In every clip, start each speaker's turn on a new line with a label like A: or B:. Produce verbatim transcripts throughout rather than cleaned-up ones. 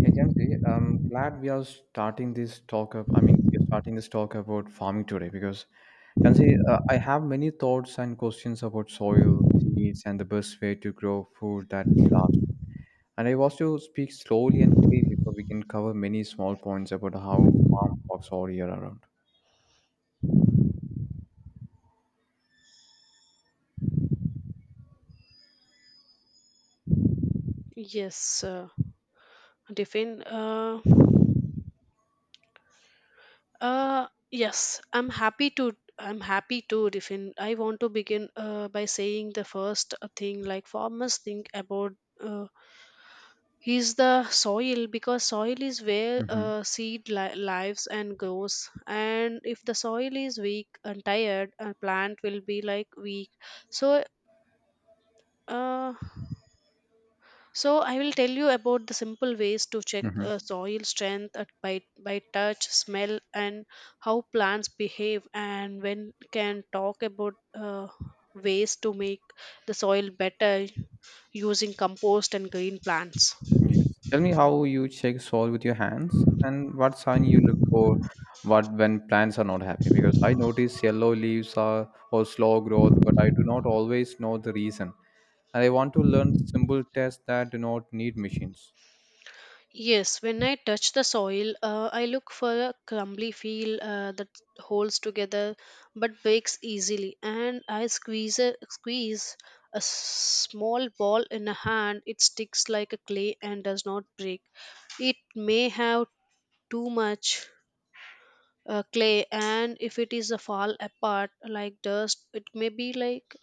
A: Hey Jansi, I'm glad we are starting this talk up. I mean, we're starting this talk about farming today because Jansi, uh, I have many thoughts and questions about soil, seeds, and the best way to grow food that lasts. And I want to speak slowly and clearly so we can cover many small points about how farm works all year around.
B: Yes, uh, Riffin. Uh, uh, yes, I'm happy to. I'm happy to, Riffin. I want to begin uh, by saying the first uh, thing like farmers think about uh, is the soil, because soil is where
A: Mm-hmm.
B: uh, seed li- lives and grows. And if the soil is weak and tired, a plant will be like weak. So. Uh, So I will tell you about the simple ways to check uh, soil strength at, by by touch, smell, and how plants behave, and when can talk about uh, ways to make the soil better using compost and green plants.
A: Yes. Tell me how you check soil with your hands and what sign you look for what when plants are not happy because I notice yellow leaves are or slow growth but I do not always know the reason, and I want to learn simple tests that do not need machines.
B: Yes, when I touch the soil, uh, I look for a crumbly feel uh, that holds together but breaks easily, and I squeeze a, squeeze a small ball in a hand. It sticks like a clay and does not break. It may have too much uh, clay, and if it is a fall apart like dust, it may be like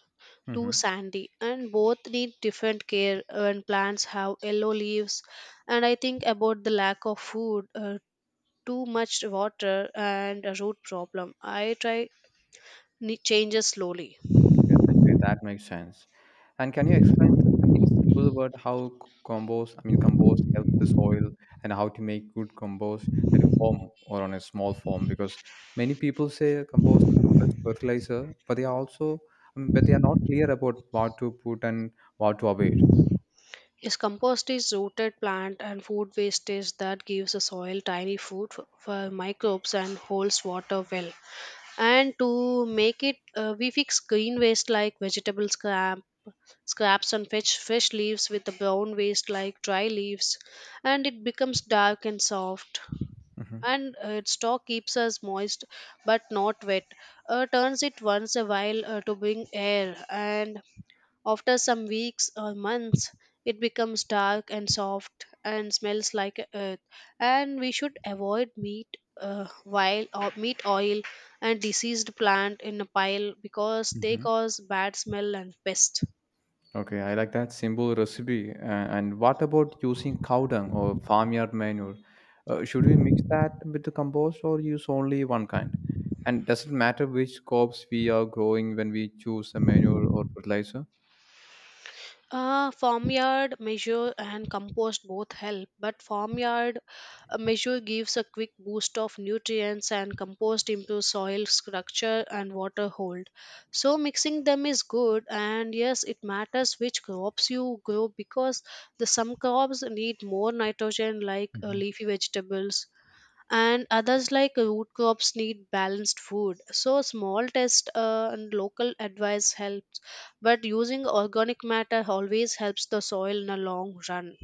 B: too
A: hmm
B: sandy, and both need different care. When plants have yellow leaves, and I think about the lack of food, uh, too much water, and a root problem, I try ne- changes slowly.
A: Yes, actually, that makes sense. And can you explain th- in simple word how c- compost, I mean, compost helps the soil and how to make good compost at home or on a small farm? Because many people say compost is the best fertilizer, but they are also, I mean, but they are not clear about what to put and what to avoid.
B: Is compost is rooted plant and food wastage that gives the soil tiny food for, for microbes and holds water well, and to make it, uh, we fix green waste like vegetable scrap scraps and fresh, fresh leaves with the brown waste like dry leaves, and it becomes dark and soft,
A: hmm
B: and uh, its stalk keeps us moist but not wet. Uh, turns it once a while uh, to bring air, and after some weeks or months, it becomes dark and soft and smells like a earth. And we should avoid meat, uh, while or meat oil and diseased plant in a pile because they
A: hmm
B: cause bad smell and pest.
A: Okay, I like that simple recipe. Uh, and what about using cow dung or farmyard manure? Uh, should we mix that with the compost or use only one kind? And does it matter which crops we are growing when we choose a manure or fertilizer?
B: Uh, farmyard measure and compost both help, but farmyard uh, measure gives a quick boost of nutrients, and compost improves soil structure and water hold. So, mixing them is good, and yes, it matters which crops you grow, because the some crops need more nitrogen, like uh,
A: hmm
B: leafy vegetables, and others like uh, root crops need balanced food, so small test uh, and local advice helps, but using organic matter always helps the soil in a long run.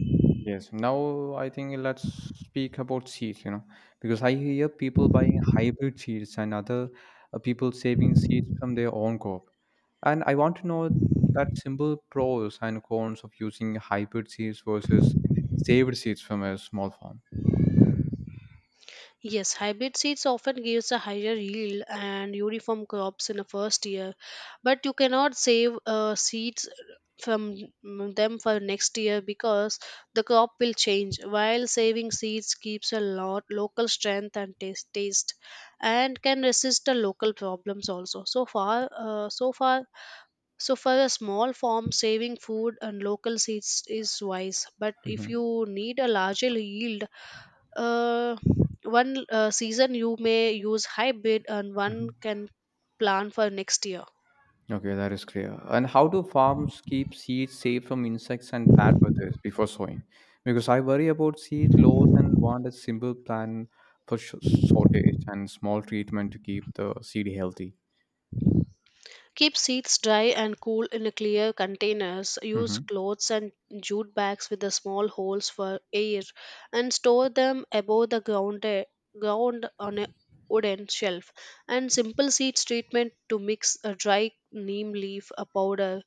A: Yes. Now I think let's speak about seeds, you know, because I hear people buying hybrid seeds and other uh, people saving seeds from their own crop. And I want to know that simple pros and cons of using hybrid seeds versus saved seeds from a small farm.
B: Yes, hybrid seeds often gives a higher yield and uniform crops in the first year, but you cannot save uh, seeds from mm, them for next year, because the crop will change. While saving seeds keeps a lot local strength and taste, taste and can resist the local problems also. So far, uh, so far, so for a small farm, saving food and local seeds is wise. But if
A: hmm
B: you need a larger yield, uh, one uh, season you may use hybrid, and one can plan for next year.
A: Okay, that is clear. And how do farms keep seeds safe from insects and bad weather before sowing? Because I worry about seed loss and want a simple plan for sh- shortage and small treatment to keep the seed healthy.
B: Keep seeds dry and cool in a clear containers. Use
A: Mm-hmm.
B: clothes and jute bags with the small holes for air, and store them above the ground, eh, ground on a wooden shelf. And simple seeds treatment to mix a dry neem leaf a powder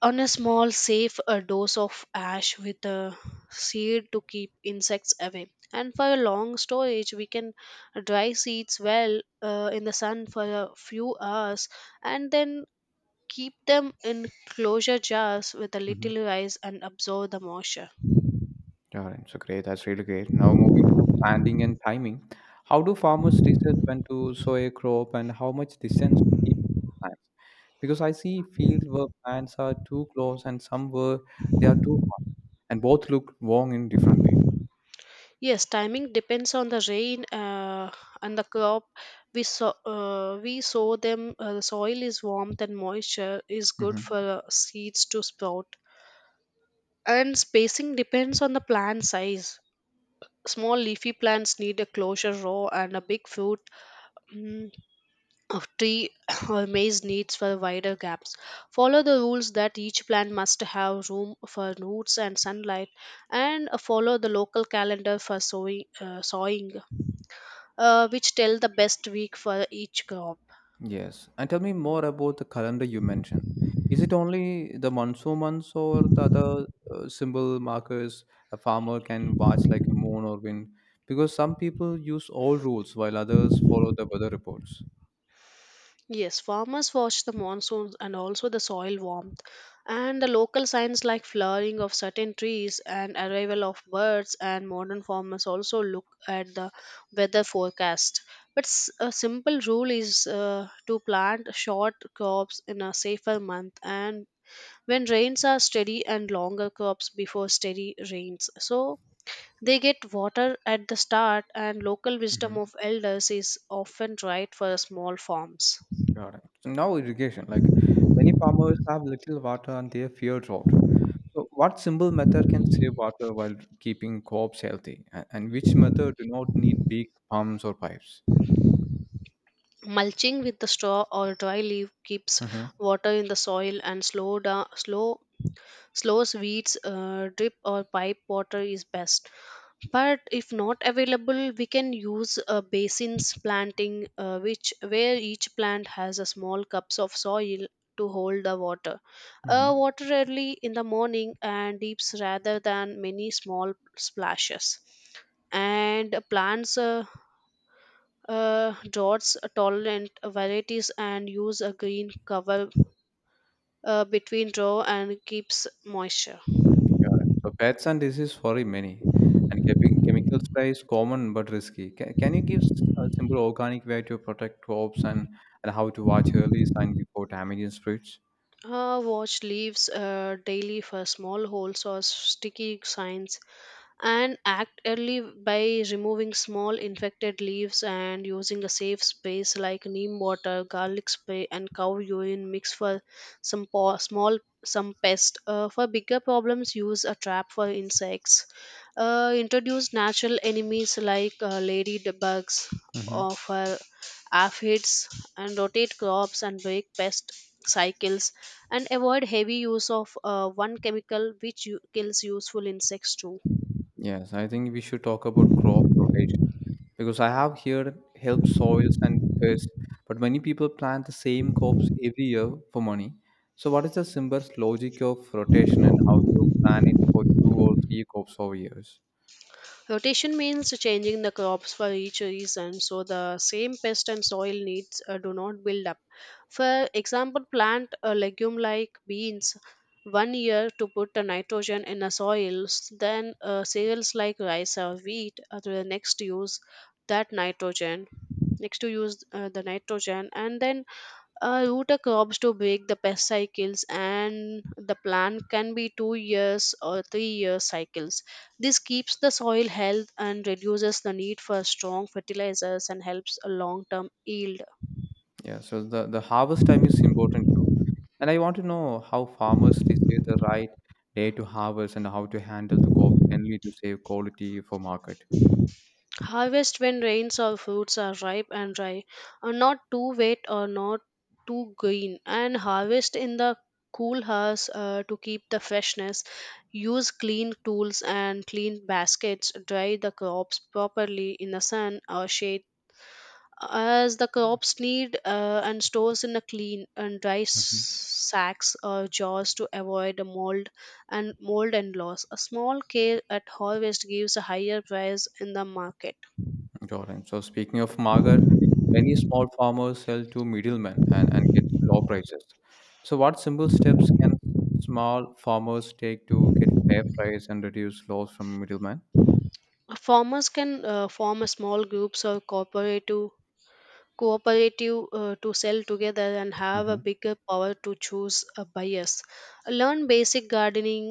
B: on a small safe a dose of ash with a seed to keep insects away. And for a long storage we can dry seeds well uh, in the sun for a few hours, and then keep them in closure jars with a
A: Mm-hmm.
B: little ice and absorb the moisture.
A: All right, so great. That's really great. Now moving to planting and timing. How do farmers decide when to sow a crop and how much distance to keep plants? Because I see field where plants are too close and some where they are too far, and both look wrong in different ways.
B: Yes, timing depends on the rain uh, and the crop. We sow, uh, we sow them. Uh, the soil is warmth and moisture is good for
A: Mm-hmm.
B: uh, seeds to sprout. And spacing depends on the plant size. Small leafy plants need a closure row, and a big fruit, mm, of tree or maze needs for wider gaps. Follow the rules that each plant must have room for roots and sunlight, and uh, follow the local calendar for sowing, uh, sowing uh, which tell the best week for each crop.
A: Yes. And tell me more about the calendar you mentioned. Is it only the monsoon months or the other uh, symbol markers a farmer can watch like a moon or wind? Because some people use all rules while others follow the weather reports.
B: Yes, farmers watch the monsoons and also the soil warmth and the local signs like flowering of certain trees and arrival of birds, and modern farmers also look at the weather forecast. But s- a simple rule is uh, to plant short crops in a safer month and when rains are steady, and longer crops before steady rains, so they get water at the start. And local wisdom
A: hmm
B: of elders is often right for small farms.
A: Got it. So now irrigation. Like many farmers have little water and they fear drought. So what simple method can save water while keeping crops healthy, A- and which method do not need big pumps or pipes?
B: Mulching with the straw or dry leaf keeps
A: Mm-hmm.
B: water in the soil and slow down, slow slows weeds. Uh, drip or pipe water is best, but if not available, we can use a basins planting, uh, which where each plant has a small cups of soil to hold the water. Uh, water early in the morning and deeps rather than many small splashes. And plants. Uh, uh, dots tolerant varieties and use a green cover uh, between row and keeps moisture.
A: Yeah. So pets and disease worry many, and chemi- chemical spray is common but risky. Can, can you give s- a simple organic way to protect crops, and, and how to watch early sign before damaging spreads?
B: Uh, watch leaves uh, daily for small holes or sticky signs, and act early by removing small infected leaves and using a safe space like neem water garlic spray and cow urine mix for some po- small some pest. Uh, for bigger problems use a trap for insects, uh, introduce natural enemies like uh, ladybugs
A: hmm
B: or for aphids, and rotate crops and break pest cycles, and avoid heavy use of uh, one chemical which u- kills useful insects too.
A: Yes, I think we should talk about crop rotation because I have heard help soils and pests, but many people plant the same crops every year for money. So, what is the simplest logic of rotation and how to plan it for two or three crops over years?
B: Rotation means changing the crops for each season so the same pest and soil needs uh, do not build up. For example, plant a legume like beans one year to put the nitrogen in the soils, then uh, cereals like rice or wheat uh, the next to use that nitrogen, next to use uh, the nitrogen, and then a root a crops to break the pest cycles, and the plant can be two years or three year cycles. This keeps the soil health and reduces the need for strong fertilizers and helps a long term yield.
A: Yeah, so the, the harvest time is important too. And I want to know how farmers decide the right day to harvest and how to handle the crop generally to save quality for market.
B: Harvest when rains or fruits are ripe and dry, are not too wet or not too green, and harvest in the cool house uh, to keep the freshness. Use clean tools and clean baskets, dry the crops properly in the sun or shade as the crops need, uh, and stores in a clean and dry s-
A: Mm-hmm.
B: sacks or jars to avoid a mold and mold and loss. A small care at harvest gives a higher price in the market.
A: Got it. So speaking of market, many small farmers sell to middlemen and, and get low prices. So what simple steps can small farmers take to get fair price and reduce loss from middlemen?
B: Farmers can uh, form a small groups or cooperative cooperative uh, to sell together and have a bigger power to choose uh, buyers, learn basic gardening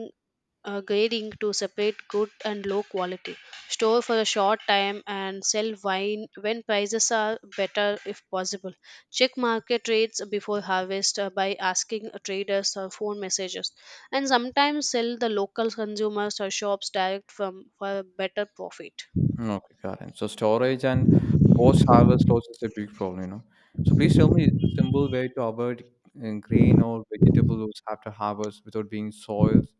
B: uh, grading to separate good and low quality, store for a short time, and sell wine when prices are better if possible. Check market rates before harvest uh, by asking traders or phone messages, and sometimes sell the local consumers or shops direct from for a better profit.
A: Mm. Okay, got it. So storage and post-harvest loss is a big problem, you know. So please tell me a simple way to avoid uh, grain or vegetable loss after harvest without being soils,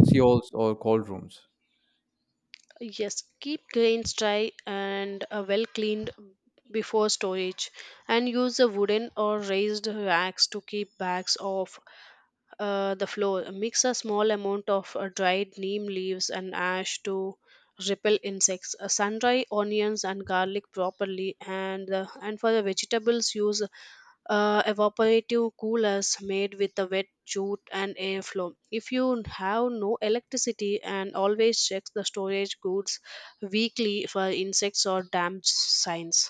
A: seals, or cold rooms.
B: Yes, keep grains dry and uh, well cleaned before storage, and use the wooden or raised racks to keep bags off uh, the floor. Mix a small amount of uh, dried neem leaves and ash to repel insects. Uh, sun dry onions and garlic properly, and uh, and for the vegetables use uh, evaporative coolers made with a wet jute and airflow if you have no electricity, and always check the storage goods weekly for insects or damage signs.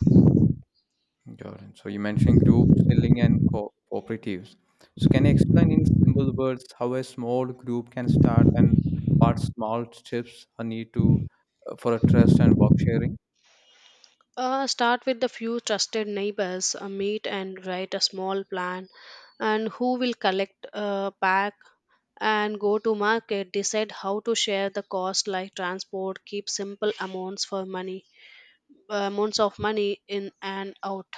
A: Got it. So you mentioned group selling and co- cooperatives. So can you explain in simple words how a small group can start and what small steps are need to uh, for a trust and work sharing?
B: Uh, start with the few trusted neighbors, uh, meet and write a small plan, and who will collect, uh, pack, and go to market. Decide how to share the cost, like transport. Keep simple amounts for money, uh, amounts of money in and out.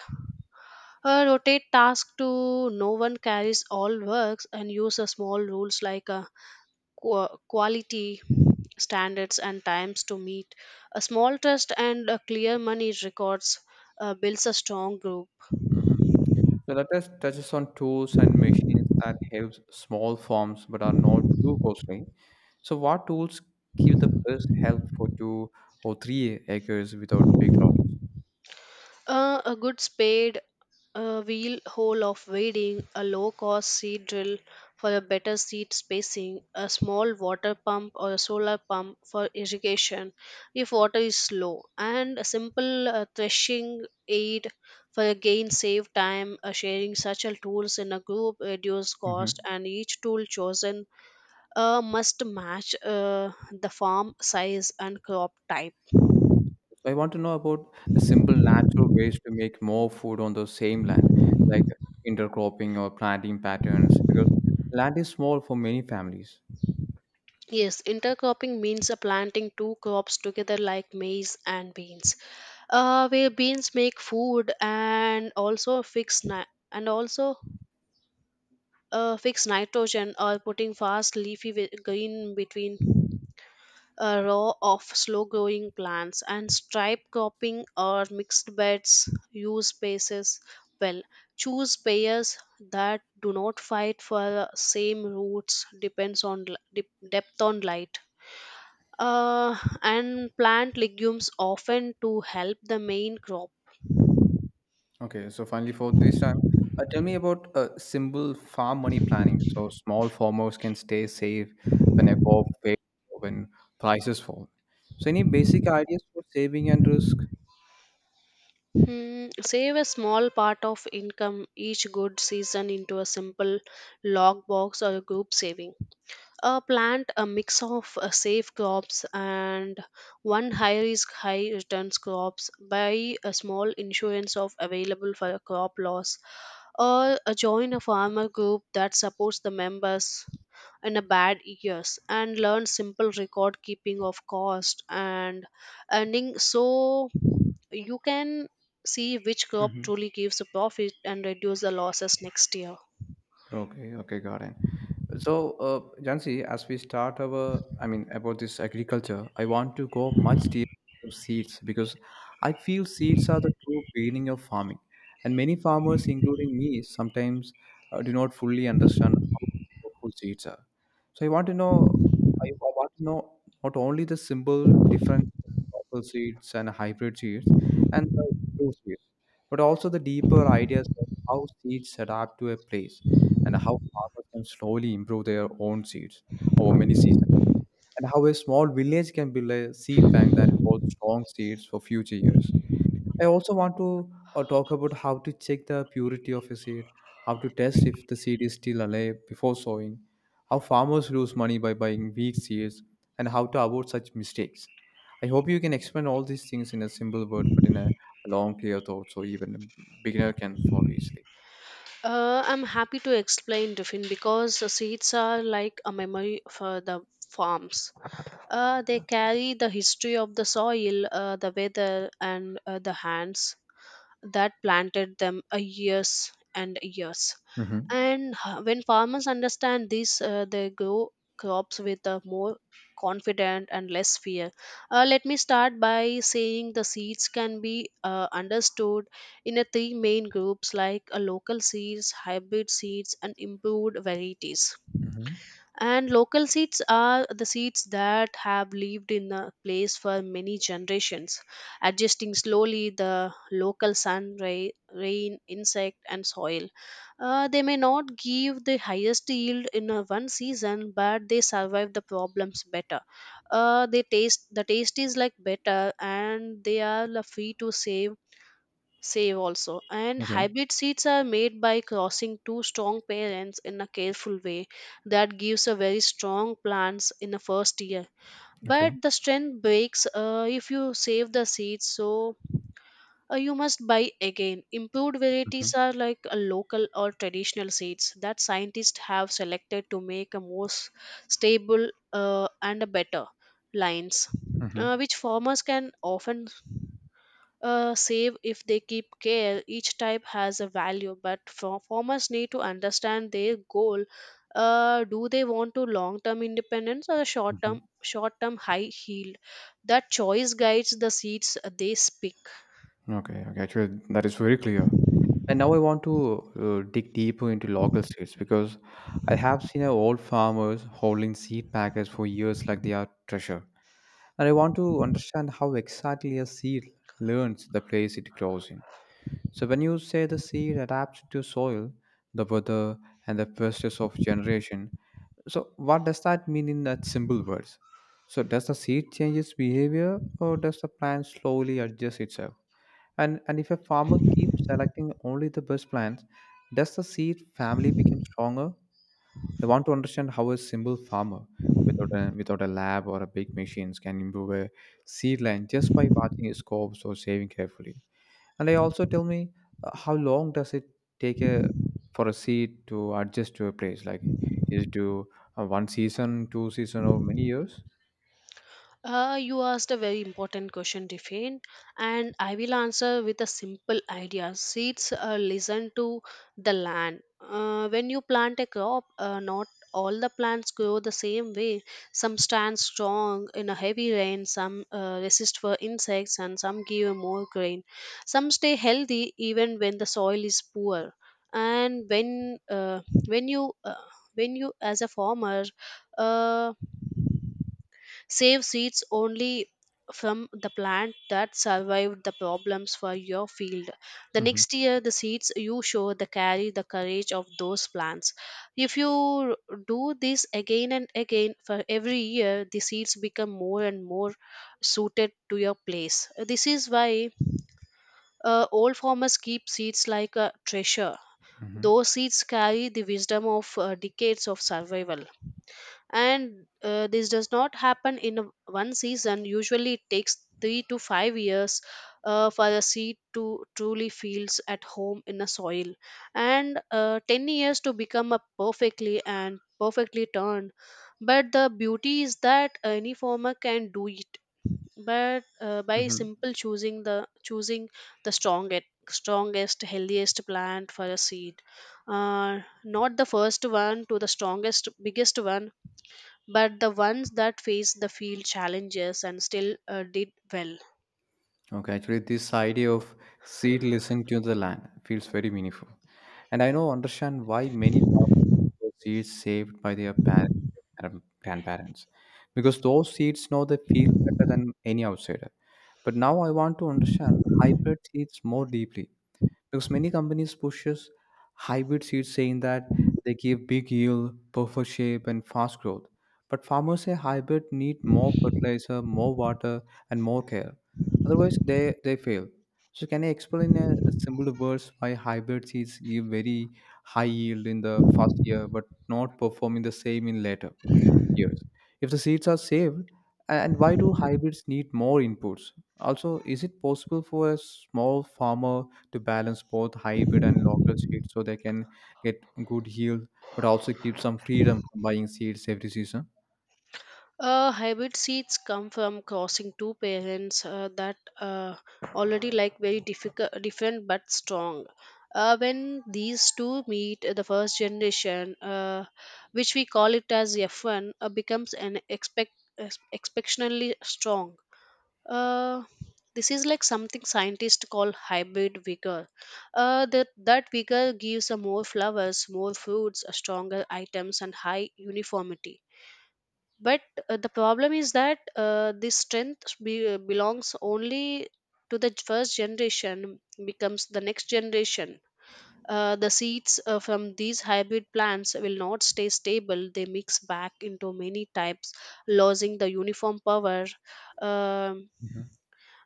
B: Uh, rotate tasks to no one carries all works, and use a small rules like a qua- quality standards and times to meet. A small trust and a clear money records uh, builds a strong group.
A: Mm-hmm. So let us touches on tools and machines that help small farms but are not too costly. So what tools give the best help for two or three acres without big loss?
B: Uh, a good spade, a wheel hole of wading, a low cost seed drill for a better seed spacing, a small water pump or a solar pump for irrigation if water is low, and a simple uh, threshing aid for again save time. Uh, sharing such a tools in a group reduce
A: hmm
B: cost, and each tool chosen uh, must match uh, the farm size and crop type.
A: So I want to know about the simple natural ways to make more food on the same land, like intercropping or planting patterns, because land is small for many families.
B: Yes, intercropping means uh, planting two crops together like maize and beans, uh, where beans make food and also fix ni- and also uh, fix nitrogen, or putting fast leafy ve- green between a row of slow growing plants. And stripe cropping or mixed beds use spaces well. Choose pairs that do not fight for uh, same roots, depends on l- dep- depth on light, uh, and plant legumes often to help the main crop.
A: Okay, so finally for this time, uh, tell me about uh, simple farm money planning. So small farmers can stay safe when a crop fails or when prices fall. So any basic ideas for saving and risk?
B: Hmm, save a small part of income each good season into a simple log box or group saving. Uh, plant a mix of uh, safe crops and one high risk high returns crops buy a small insurance of available for a crop loss or uh, join a farmer group that supports the members in a bad years and learn simple record keeping of cost and earning so you can see which crop truly gives a profit and reduce the losses next year.
A: Okay, okay, got it. So, uh, Jansi, as we start our, I mean, about this agriculture, I want to go much deeper to seeds because I feel seeds are the true beginning of farming, and many farmers, including me, sometimes uh, do not fully understand how powerful seeds are. So, I want to know, I want to know not only the simple difference between local seeds and hybrid seeds and the improved seeds, but also the deeper ideas of how seeds adapt to a place and how farmers can slowly improve their own seeds over many seasons, and how a small village can build a seed bank that holds strong seeds for future years. I also want to uh, talk about how to check the purity of a seed, how to test if the seed is still alive before sowing, how farmers lose money by buying weak seeds, and how to avoid such mistakes. I hope you can explain all these things in a simple word, but in a long, clear thought, so even a beginner can follow easily.
B: Uh, I'm happy to explain, Tiffin, because the seeds are like a memory for the farms. Uh, they carry the history of the soil, uh, the weather, and uh, the hands that planted them uh, years and years.
A: Mm-hmm.
B: And h- when farmers understand this, uh, they grow crops with a more confident and less fear. Uh, let me start by saying the seeds can be uh, understood in a three main groups like uh, local seeds, hybrid seeds, and improved varieties,
A: Mm-hmm.
B: and local seeds are the seeds that have lived in a place for many generations adjusting slowly the local sun ray, rain insect and soil. Uh, they may not give the highest yield in a one season but they survive the problems better. Uh, they taste the taste is like better and they are the free to save save also, and
A: Okay.
B: hybrid seeds are made by crossing two strong parents in a careful way that gives a very strong plants in the first year
A: Okay.
B: but the strength breaks uh, if you save the seeds, so uh, you must buy again. Improved varieties are like a local or traditional seeds that scientists have selected to make a more s- stable uh, and a better lines uh,
A: Mhm,
B: which farmers can often uh, save if they keep care. Each type has a value, but fa- farmers need to understand their goal. Uh, do they want to long-term independence or short-term
A: mhm.
B: short-term high yield? That choice guides the seeds they pick.
A: Okay, okay. actually, that is very clear. And now I want to uh, dig deeper into local seeds because I have seen uh, old farmers holding seed packets for years like they are treasure. And I want to understand how exactly a seed learns the place it grows in. So when you say the seed adapts to soil, the weather, and the pressures of generation, so what does that mean in that simple words? So does the seed change its behavior or does the plant slowly adjust itself? And and if a farmer keeps selecting only the best plants, does the seed family become stronger? I want to understand how a simple farmer without a without a lab or a big machines can improve a seed line just by watching his crops or saving carefully. And I also tell me uh, how long does it take a for a seed to adjust to a place? Like is it to uh, one season, two season, or many years?
B: Uh, you asked a very important question, Tiffin, and I will answer with a simple idea. Seeds uh, listen to the land. Uh, when you plant a crop, uh, not all the plants grow the same way. Some stand strong in a heavy rain, some uh, resist for insects, and some give more grain. Some stay healthy even when the soil is poor. And when uh, when you uh, when you as a farmer, uh, save seeds only from the plant that survived the problems for your field. The
A: hmm
B: next year, the seeds you sow the carry the courage of those plants. If you do this again and again for every year, the seeds become more and more suited to your place. This is why uh, old farmers keep seeds like a treasure.
A: hmm
B: Those seeds carry the wisdom of uh, decades of survival, and uh, this does not happen in a- one season. Usually it takes three to five years uh, for the seed to truly feels at home in the soil, and uh, ten years to become a perfectly and perfectly turned. But the beauty is that any farmer can do it, but uh, by
A: hmm
B: simple choosing the choosing the strongest strongest healthiest plant for a seed, uh, not the first one to the strongest biggest one, but the ones that faced the field challenges and still uh, did well.
A: Okay, actually, this idea of seed listening to the land feels very meaningful, and I now understand why many farmers prefer seeds saved by their parents and grandparents, because those seeds know they feel better than any outsider. But now I want to understand hybrid seeds more deeply because many companies pushes hybrid seeds saying that they give big yield perfect shape and fast growth, but farmers say hybrid need more fertilizer more water and more care, otherwise they they fail. So can you explain in a simple words why hybrid seeds give very high yield in the first year but not performing the same in later years if the seeds are saved? And why do hybrids need more inputs? Also, is it possible for a small farmer to balance both hybrid and local seeds so they can get good yield but also keep some freedom from buying seeds every season?
B: Uh, hybrid seeds come from crossing two parents uh, that uh, already like very difficult, different but strong. Uh, when these two meet, uh, the first generation, uh, which we call it as F one, uh, becomes an expect, ex- exceptionally strong. Uh, this is like something scientists call hybrid vigor. Uh, that, that vigor gives a more flowers, more fruits, a stronger items, and high uniformity. But uh, the problem is that uh, this strength be, belongs only to the first generation, becomes the next generation. Uh, the seeds uh, from these hybrid plants will not stay stable. They mix back into many types, losing the uniform power. Um
A: Mm-hmm.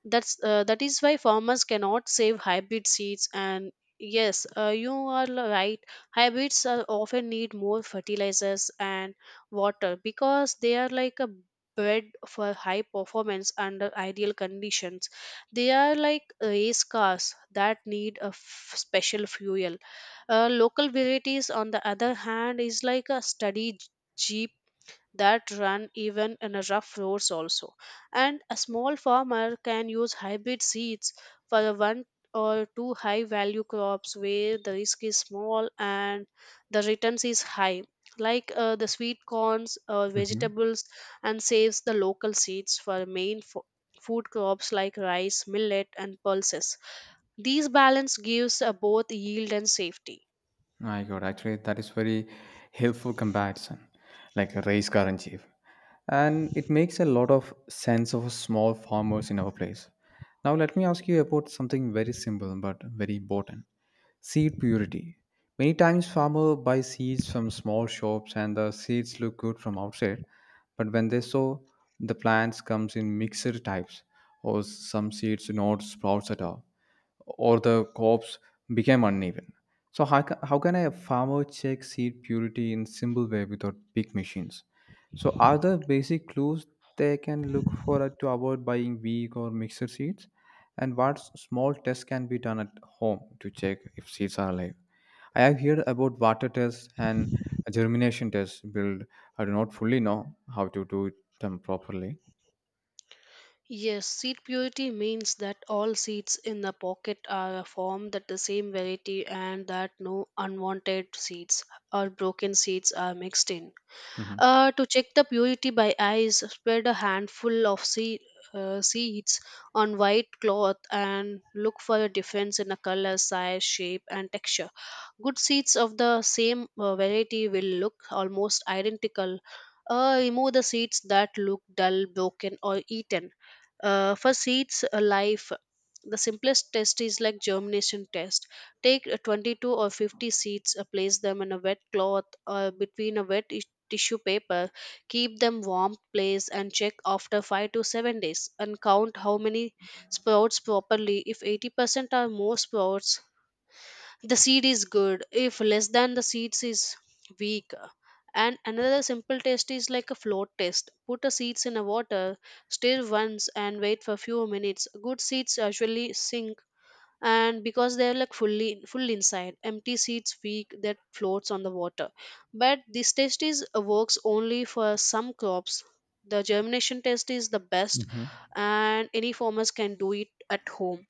B: that's uh, that is why farmers cannot save hybrid seeds. And yes, uh, you are l- right. Hybrids are often need more fertilizers and water because they are like a bred for high performance under ideal conditions. They are like race cars that need a f- special fuel. Uh, local varieties, on the other hand, is like a study that run even in a rough roads also, and a small farmer can use hybrid seeds for the one or two high value crops where the risk is small and the returns is high, like uh, the sweet corns or
A: Mm-hmm.
B: vegetables, and saves the local seeds for main fo- food crops like rice millet and pulses. These balance gives uh, both yield and safety.
A: My God, actually, that is very helpful comparison, like a race car in chief. And it makes a lot of sense of small farmers in our place. Now, let me ask you about something very simple but very important. Seed purity. Many times farmer buy seeds from small shops and the seeds look good from outside, but when they sow, the plants comes in mixed types or some seeds do not sprouts at all or the crops became uneven. So how, ca- how can a farmer check seed purity in simple way without big machines? So are there basic clues they can look for it to avoid buying weak or mixed seeds? And what s- small tests can be done at home to check if seeds are alive? I have heard about water tests and germination tests build. I do not fully know how to do them properly.
B: Yes, seed purity means that all seeds in the pocket are formed at the same variety and that no unwanted seeds or broken seeds are mixed in.
A: hmm
B: Uh, to check the purity by eyes, spread a handful of seed, uh, seeds on white cloth and look for a difference in the color, size, shape, and texture. Good seeds of the same uh, variety will look almost identical. Uh, remove the seeds that look dull, broken, or eaten. Uh, for seeds uh, life, the simplest test is like germination test. Take uh, twenty-two or fifty seeds, uh, place them in a wet cloth or between a wet tissue paper, keep them warm place and check after five to seven days and count how many sprouts properly. If eighty percent or more sprouts, the seed is good. If less than, the seeds is weak. And another simple test is like a float test. Put the seeds in a water, stir once and wait for few minutes. Good seeds usually sink and because they're like fully full inside empty seats weak that floats on the water, but this test is uh, works only for some crops. The germination test is the best, and any farmers can do it at home.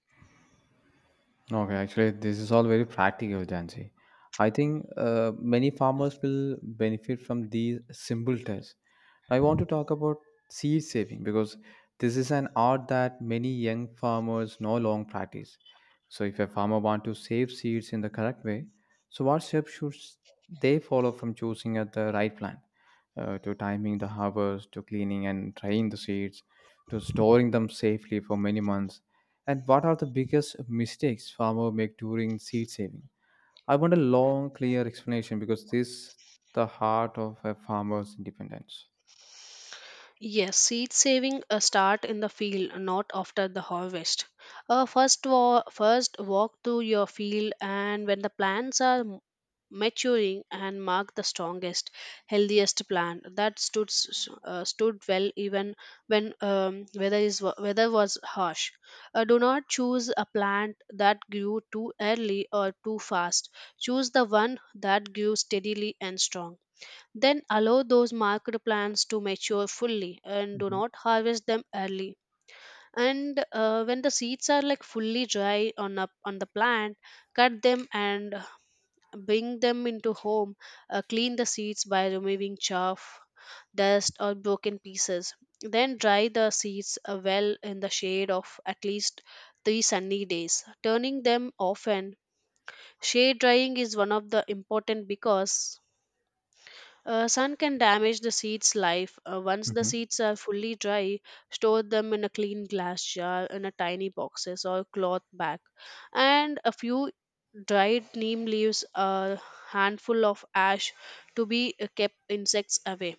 A: Okay, actually, this is all very practical, Jansi. I think uh, many farmers will benefit from these simple tests. I want to talk about seed saving because this is an art that many young farmers no long practice. So, if a farmer want to save seeds in the correct way, so what steps should s- they follow from choosing at the right plant, uh, to timing the harvest, to cleaning and drying the seeds, to storing them safely for many months? And what are the biggest mistakes farmer make during seed saving? I want a long, clear explanation because this the heart of a farmer's independence.
B: Yes, seed saving uh, start in the field, not after the harvest. Uh, first, wa- first walk to your field, and when the plants are m- maturing, and mark the strongest, healthiest plant that stood s- s- uh, stood well even when um, weather is wa- weather was harsh. Uh, do not choose a plant that grew too early or too fast. Choose the one that grew steadily and strong. Then allow those marked plants to mature fully and do
A: Mhm,
B: not harvest them early. And uh, when the seeds are like fully dry on a, on the plant, cut them and bring them into home. Uh, clean the seeds by removing chaff, dust, or broken pieces. Then dry the seeds uh, well in the shade of at least three sunny days, turning them often. Shade drying is one of the important because uh, sun can damage the seed's life. Uh, once the
A: mhm,
B: seeds are fully dry, store them in a clean glass jar in a tiny boxes or cloth bag. And a few dried neem leaves, a handful of ash to be uh, kept insects away.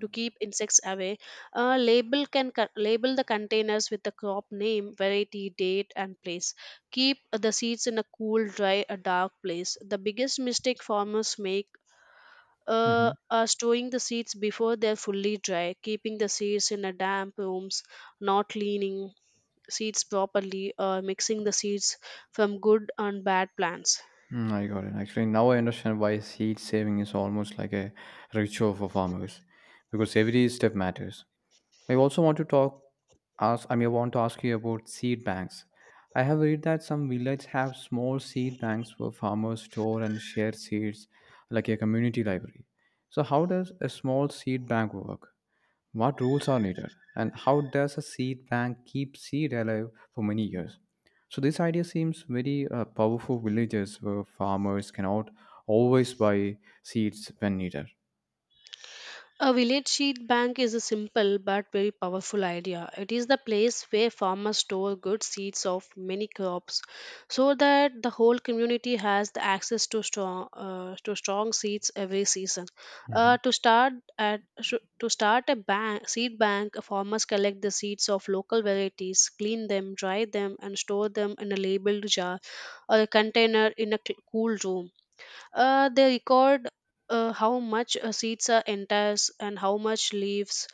B: To keep insects away, a label can co- label the containers with the crop name, variety, date, and place. Keep the seeds in a cool, dry, a dark place. The biggest mistake farmers make uh,
A: mhm.
B: are storing the seeds before they're fully dry, keeping the seeds in a damp rooms, not cleaning seeds properly, or mixing the seeds from good and bad plants.
A: Mm, I got it. Actually, now I understand why seed saving is almost like a ritual for farmers because every step matters. I also want to talk ask I mean I want to ask you about seed banks. I have read that some villages have small seed banks where farmers store and share seeds like a community library. So how does a small seed bank work? What rules are needed? And how does a seed bank keep seed alive for many years? So this idea seems very uh, powerful villages where farmers cannot always buy seeds when needed.
B: A village seed bank is a simple but very powerful idea. It is the place where farmers store good seeds of many crops so that the whole community has the access to strong uh, to strong seeds every season.
A: hmm
B: Uh, to start at sh- to start a bank seed bank, farmers collect the seeds of local varieties, clean them, dry them and store them in a labeled jar or a container in a cl- cool room. Uh, they record uh, how much uh, seeds are entire and how much leaves.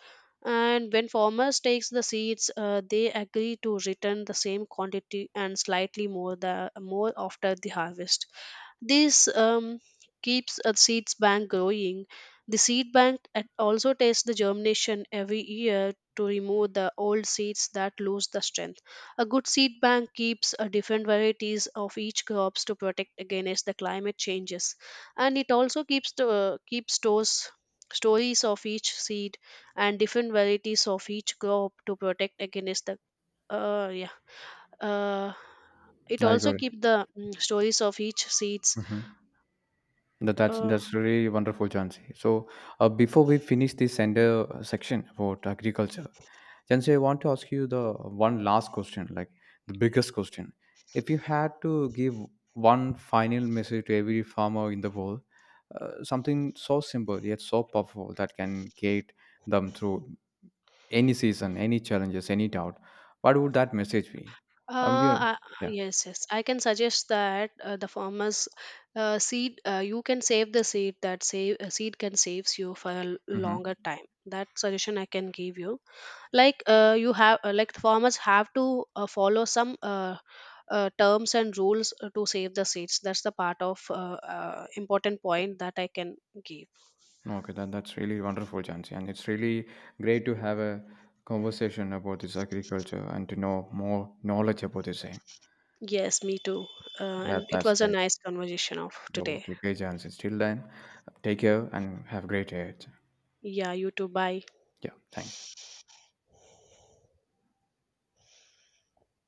B: And when farmers takes the seeds, uh, they agree to return the same quantity and slightly more the more after the harvest. This um, keeps a seeds bank growing. The seed bank at- also tests the germination every year to remove the old seeds that lose the strength. A good seed bank keeps uh, different varieties of each crops to protect against the climate changes, and it also keeps the keeps stores stories of each seed and different varieties of each crop to protect against the uh yeah uh it
A: I
B: also
A: got it.
B: keep the mm, stories of each seeds.
A: Mhm. That, that's
B: uh
A: that's really wonderful, Jansi. So uh, before we finish this sender uh, section about agriculture, Jansi, I want to ask you the one last question, like the biggest question. If you had to give one final message to every farmer in the world, uh, something so simple yet so powerful that can guide them through any season, any challenges, any doubt, what would that message be? I mean,
B: Uh,
A: you
B: I-
A: yeah.
B: yes, yes. I can suggest that uh, the farmers uh, seed. Uh, you can save the seed. That save uh, seed can saves you for a l-
A: hmm
B: longer time. That suggestion I can give you. Like uh, you have, uh, like the farmers have to uh, follow some uh, uh, terms and rules uh, to save the seeds. That's the part of uh, uh, important point that I can give.
A: No, okay, that, that's really wonderful, Jansi. And it's really great to have a conversation about this agriculture and to know more knowledge about the same.
B: Yes, me too. Uh,
A: That,
B: and it
A: that's
B: was a
A: great.
B: nice conversation of today.
A: Okay, okay, Jansi. Till then, take care and have a great day.
B: Yeah, you too. Bye.
A: Yeah, thanks.